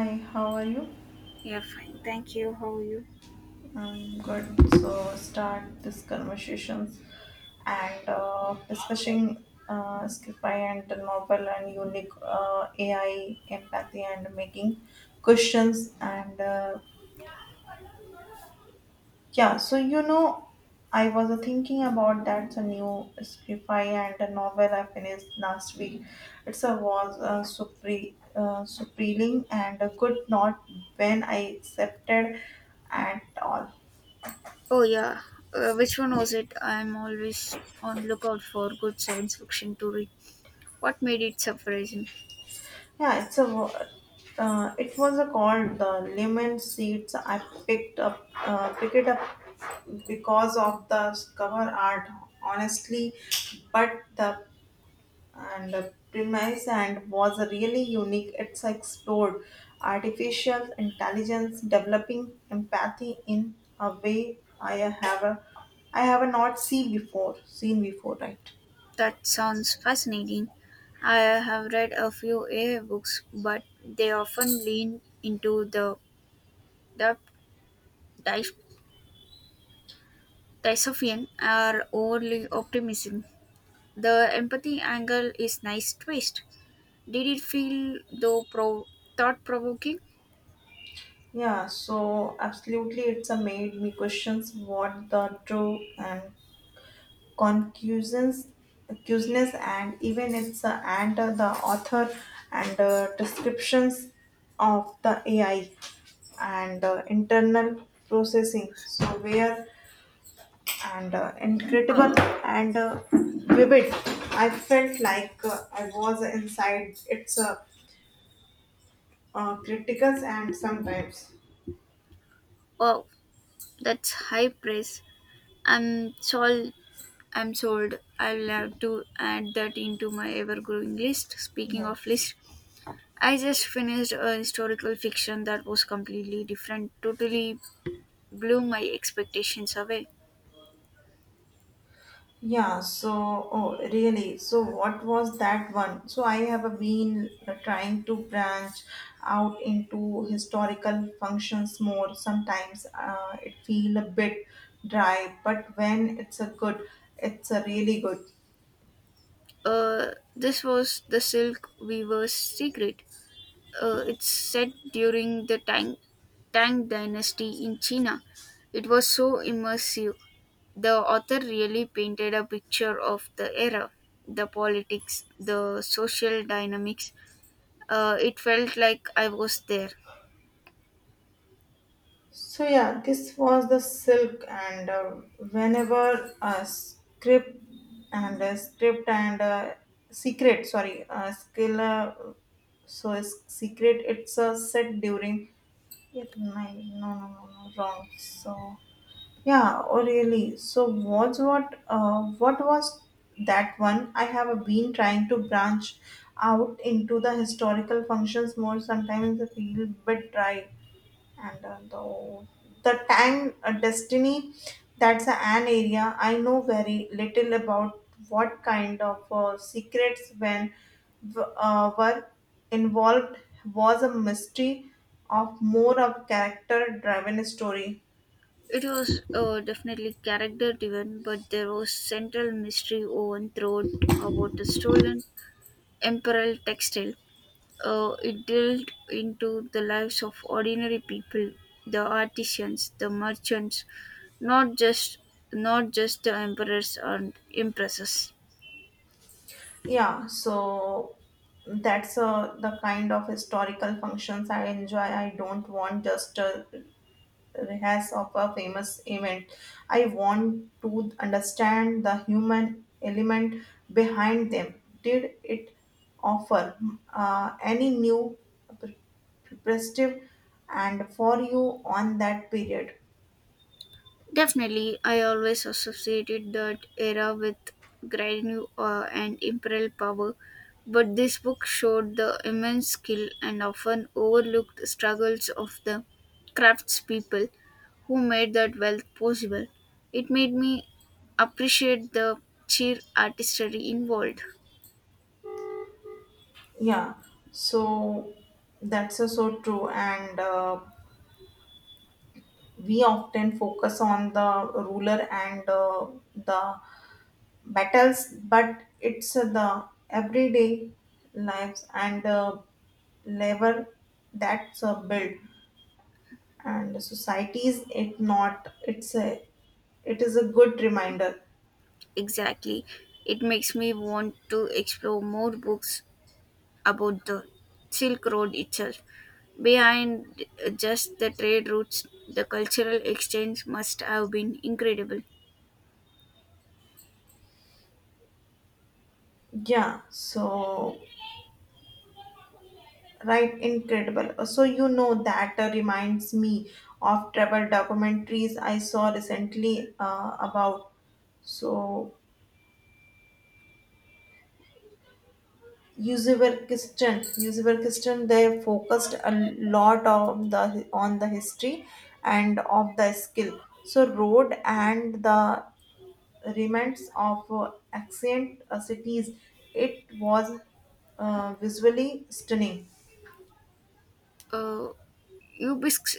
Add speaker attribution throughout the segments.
Speaker 1: Hi, how are you?
Speaker 2: Yeah, fine. Thank you. How are you?
Speaker 1: I'm good. So start this conversations and discussing Skify and the novel and unique AI empathy and making questions and yeah. So I was thinking about that the new Skify and the novel I finished last week. It's a was supre surprising and could not when I accepted at all.
Speaker 2: Oh yeah, which one was it? I'm always on lookout for good science fiction to read. What made it surprising?
Speaker 1: Yeah, it's a it was a called the lemon seeds. I picked up picked it up because of the cover art, honestly, but the and the premise and was really unique. It's explored artificial intelligence, developing empathy in a way I have a, I have not seen before. Seen before, right?
Speaker 2: That sounds fascinating. I have read a few AI books, but they often lean into the dy- dystopian or overly optimism. The empathy angle is nice twist. Did it feel thought provoking?
Speaker 1: Yeah, so absolutely, it's a made me questions what the true and concussions, cuseness, and even its and the author and descriptions of the AI and internal processing. So where and incredible and vivid. I felt like I was inside its criticals and sometimes
Speaker 2: Wow, that's high praise. I'm sold. I'm sold. I'll have to add that into my ever-growing list. Speaking
Speaker 1: yeah.
Speaker 2: of list, I just finished a historical fiction that was completely different. Totally blew my expectations away.
Speaker 1: Yeah, so oh really? So what was that one? So I have been trying to branch out into historical functions more. Sometimes it feel a bit dry, but when it's a good, it's a really good.
Speaker 2: This was the Silk Weaver's Secret. It's set during the Tang Dynasty in China. It was so immersive. The author really painted a picture of the era, the politics, the social dynamics. It felt like I was there.
Speaker 1: So yeah, this was the silk, and whenever a script and a script and a secret, sorry, a skill. So is secret it's a set during You're right. No, no, no, no, wrong. So, yeah, oh really? So, what's what? What was that one? I have been trying to branch out into the historical functions more. Sometimes I feel bit dry and the time destiny, that's an area I know very little about. What kind of secrets when were involved, was a mystery of more of character driven story.
Speaker 2: It was definitely character driven, but there was central mystery woven throughout about a stolen imperial textile. It delved into the lives of ordinary people, the artisans, the merchants, not just not just the emperors and empresses.
Speaker 1: Yeah, so that's the kind of historical functions I enjoy. I don't want just a rehash of a famous event. I want to understand the human element behind them. Did it offer any new per- perspective and for you on that period?
Speaker 2: Definitely, I always associated that era with great new awe and imperial power, but this book showed the immense skill and often overlooked struggles of the craftspeople who made that wealth possible. It made me appreciate the sheer artistry involved.
Speaker 1: Yeah, so that's so true. And we often focus on the ruler and the battles, but it's the everyday lives and level that's a build and societies it not it's a it is a good reminder.
Speaker 2: Exactly. It makes me want to explore more books about the Silk Road itself. Behind just the trade routes, the cultural exchange must have been incredible.
Speaker 1: Yeah, so right, incredible. So you know that reminds me of travel documentaries I saw recently about so Uzbekistan. They focused a lot on the history and of the skill so road and the remnants of ancient cities. It was visually stunning.
Speaker 2: Uh, Ubis-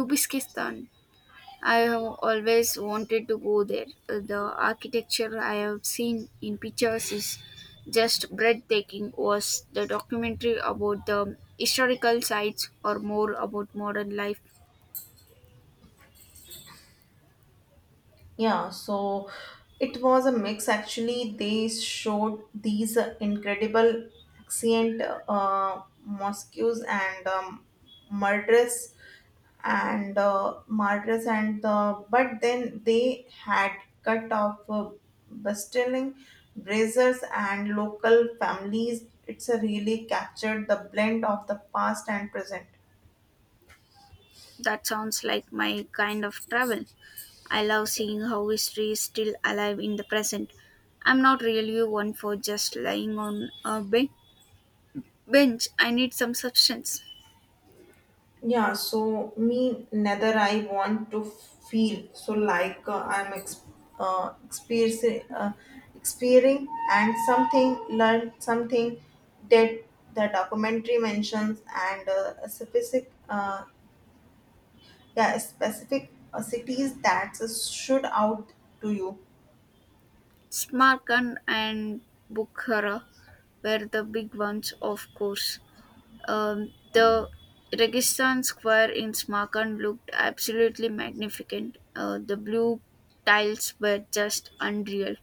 Speaker 2: Ubistan. I have always wanted to go there. The architecture I have seen in pictures is just breathtaking. Was the documentary about the historical sites or more about modern life?
Speaker 1: Yeah, so it was a mix actually. They showed these incredible ancient mosques and murderous and martyrs and the but then they had cut off bustling braziers and local families. It's a really captured the blend of the past and present.
Speaker 2: That sounds like my kind of travel. I love seeing how history is still alive in the present. I'm not really one for just lying on a bench. I need some substance.
Speaker 1: Yeah, so me neither. I want to feel so like I'm ex- experiencing experiencing and something, learn something that the documentary mentions and a specific yeah, specific cities that should out to you.
Speaker 2: Smarkan and Bukhara were the big ones, of course. The Registan Square in Smarkan looked absolutely magnificent. The blue tiles were just unreal.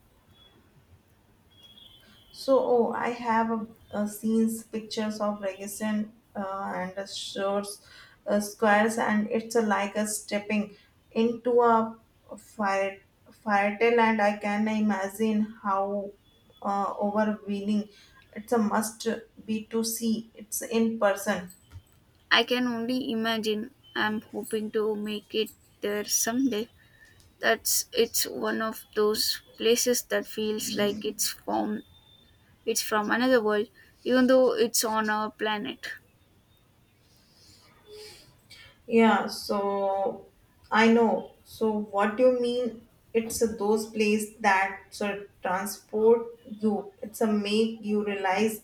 Speaker 1: So oh, I a scenes pictures of Registan and the shores squares, and it's a like a stepping into a fire fire tale, and I can imagine how overwhelming it's a must be to see it's in person.
Speaker 2: I can only imagine. I'm hoping to make it there someday. That's it's one of those places that feels like it's from another world, even though it's on our planet.
Speaker 1: Yeah, so I know. So what you mean? It's a those place that sort transport you. It's a make you realize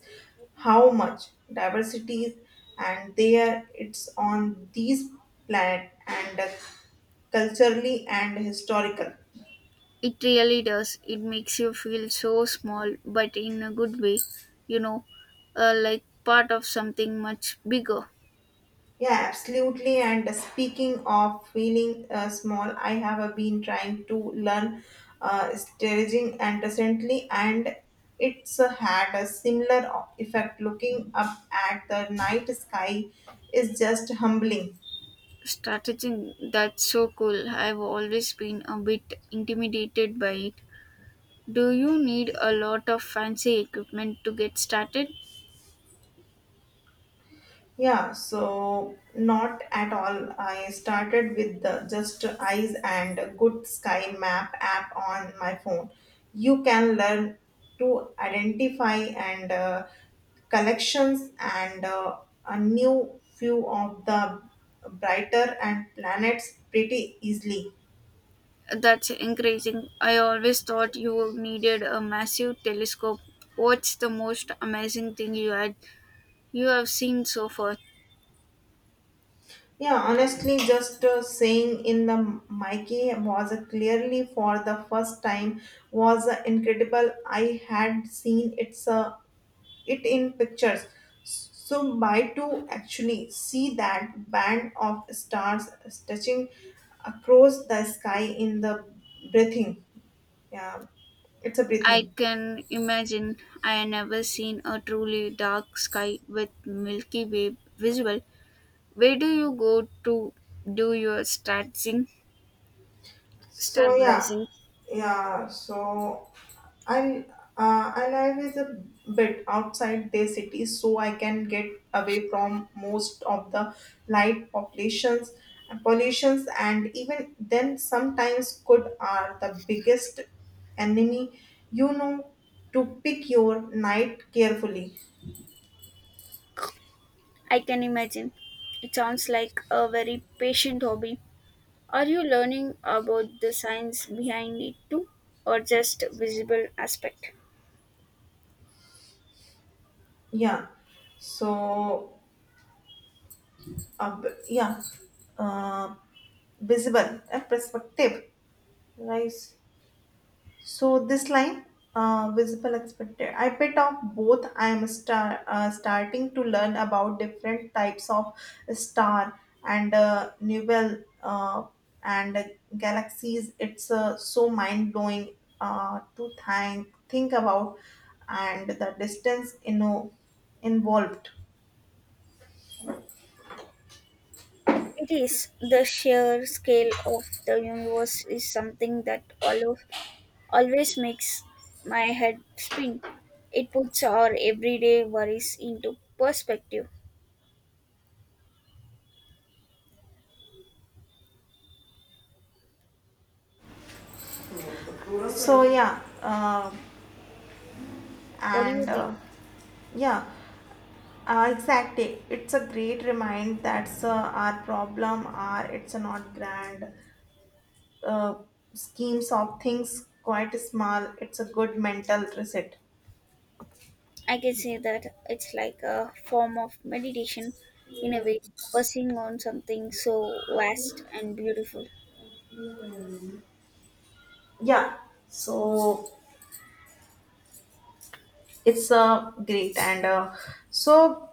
Speaker 1: how much diversity is, and there it's on these planet and culturally and historical.
Speaker 2: It really does. It makes you feel so small, but in a good way, you know, like part of something much bigger.
Speaker 1: Yeah, absolutely. And speaking of feeling small, I have been trying to learn staging and recently, and it's had a similar effect. Looking up at the night sky is just humbling.
Speaker 2: Strategy, that's so cool. I've always been a bit intimidated by it. Do you need a lot of fancy equipment to get started?
Speaker 1: Yeah, so not at all. I started with the Just Eyes and Good Sky Map app on my phone. You can learn to identify and collections and a new view of the brighter and planets pretty easily.
Speaker 2: That's increasing. I always thought you needed a massive telescope. What's the most amazing thing you have seen so far?
Speaker 1: Yeah, honestly, just saying in the Mikey was clearly for the first time was incredible. I had seen it's a it in pictures. So my to actually see that band of stars stretching across the sky in the breathing. Yeah, it's a
Speaker 2: I
Speaker 1: breathing.
Speaker 2: can imagine. I had never seen a truly dark sky with Milky Way visual. Where do you go to do your stargazing?
Speaker 1: So yeah,
Speaker 2: Stargazing.
Speaker 1: yeah. So I I live is a bit outside the city, so I can get away from most of the light populations and pollutions, and even then, sometimes good are the biggest enemy. You know to pick your night carefully.
Speaker 2: I can imagine. It sounds like a very patient hobby. Are you learning about the science behind it too, or just visible aspect?
Speaker 1: Yeah. So, uh, b- yeah, uh, visible and perspective. Right. So this line, visible expected. I bit of both. I am starting to learn about different types of star and nebulae and galaxies. It's so mind blowing to think about and the distance you know involved.
Speaker 2: It is. The sheer scale of the universe is something that all of always makes my head spin. It puts our everyday worries into perspective.
Speaker 1: So yeah,
Speaker 2: What do
Speaker 1: and
Speaker 2: you think?
Speaker 1: yeah. Exactly. It's a great remind that's our problem are it's not grand uh, schemes of things quite small. It's a good mental reset.
Speaker 2: I can say that it's like a form of meditation in a way, focusing on something so vast and beautiful.
Speaker 1: Yeah. So it's great and so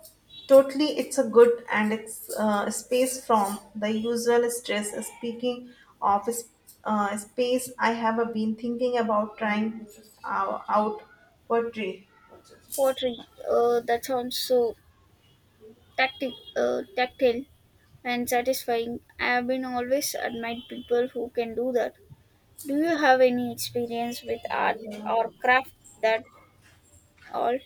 Speaker 1: totally it's a good and it's space from the usual stress. Speaking of space, I have been thinking about trying out poetry.
Speaker 2: Pottery, that sounds so tactile and satisfying. I have been always admired people who can do that. Do you have any experience with art or craft that all?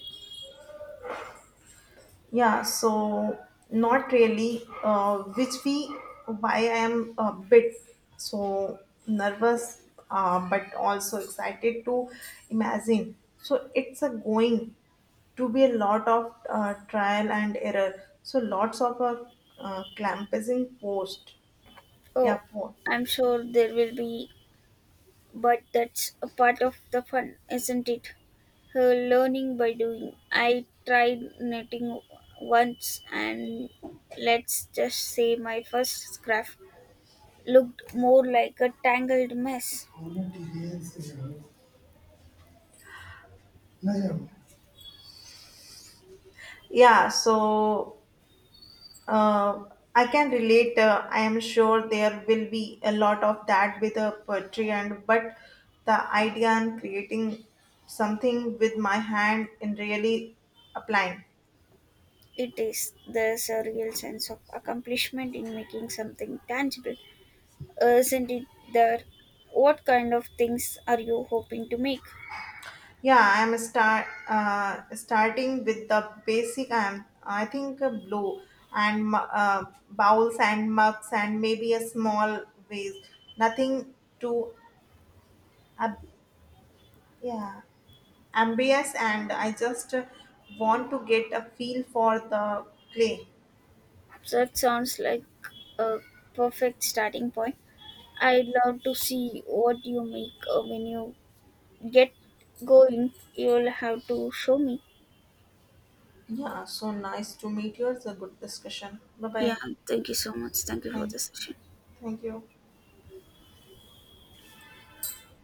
Speaker 1: Yeah, so not really, which we why I am a bit so nervous, but also excited to imagine. So it's a going to be a lot of trial and error. So lots of clamping post, yeah,
Speaker 2: Oh,
Speaker 1: port.
Speaker 2: I'm sure there will be, but that's a part of the fun, isn't it? Learning by doing. I tried knitting once, and let's just say my first scarf looked more like a tangled mess.
Speaker 1: Yeah, so Uh, I can relate. I am sure there will be a lot of that with a poetry, and but the idea and creating something with my hand and really applying.
Speaker 2: It is. There's a real sense of accomplishment in making something tangible. Isn't it there? What kind of things are you hoping to make?
Speaker 1: Yeah, I am starting with the basic. I am I think bowls and mugs and maybe a small vase. Nothing too. Ab yeah. ambitious, and I just want to get a feel for the play.
Speaker 2: That sounds like a perfect starting point. I'd love to see what you make when you get going. You'll have to show me.
Speaker 1: Yeah, so nice to meet you. It's a good discussion. Bye
Speaker 2: Yeah,
Speaker 1: bye.
Speaker 2: thank you so much. Thank you for
Speaker 1: Thank,
Speaker 2: the session.
Speaker 1: thank you.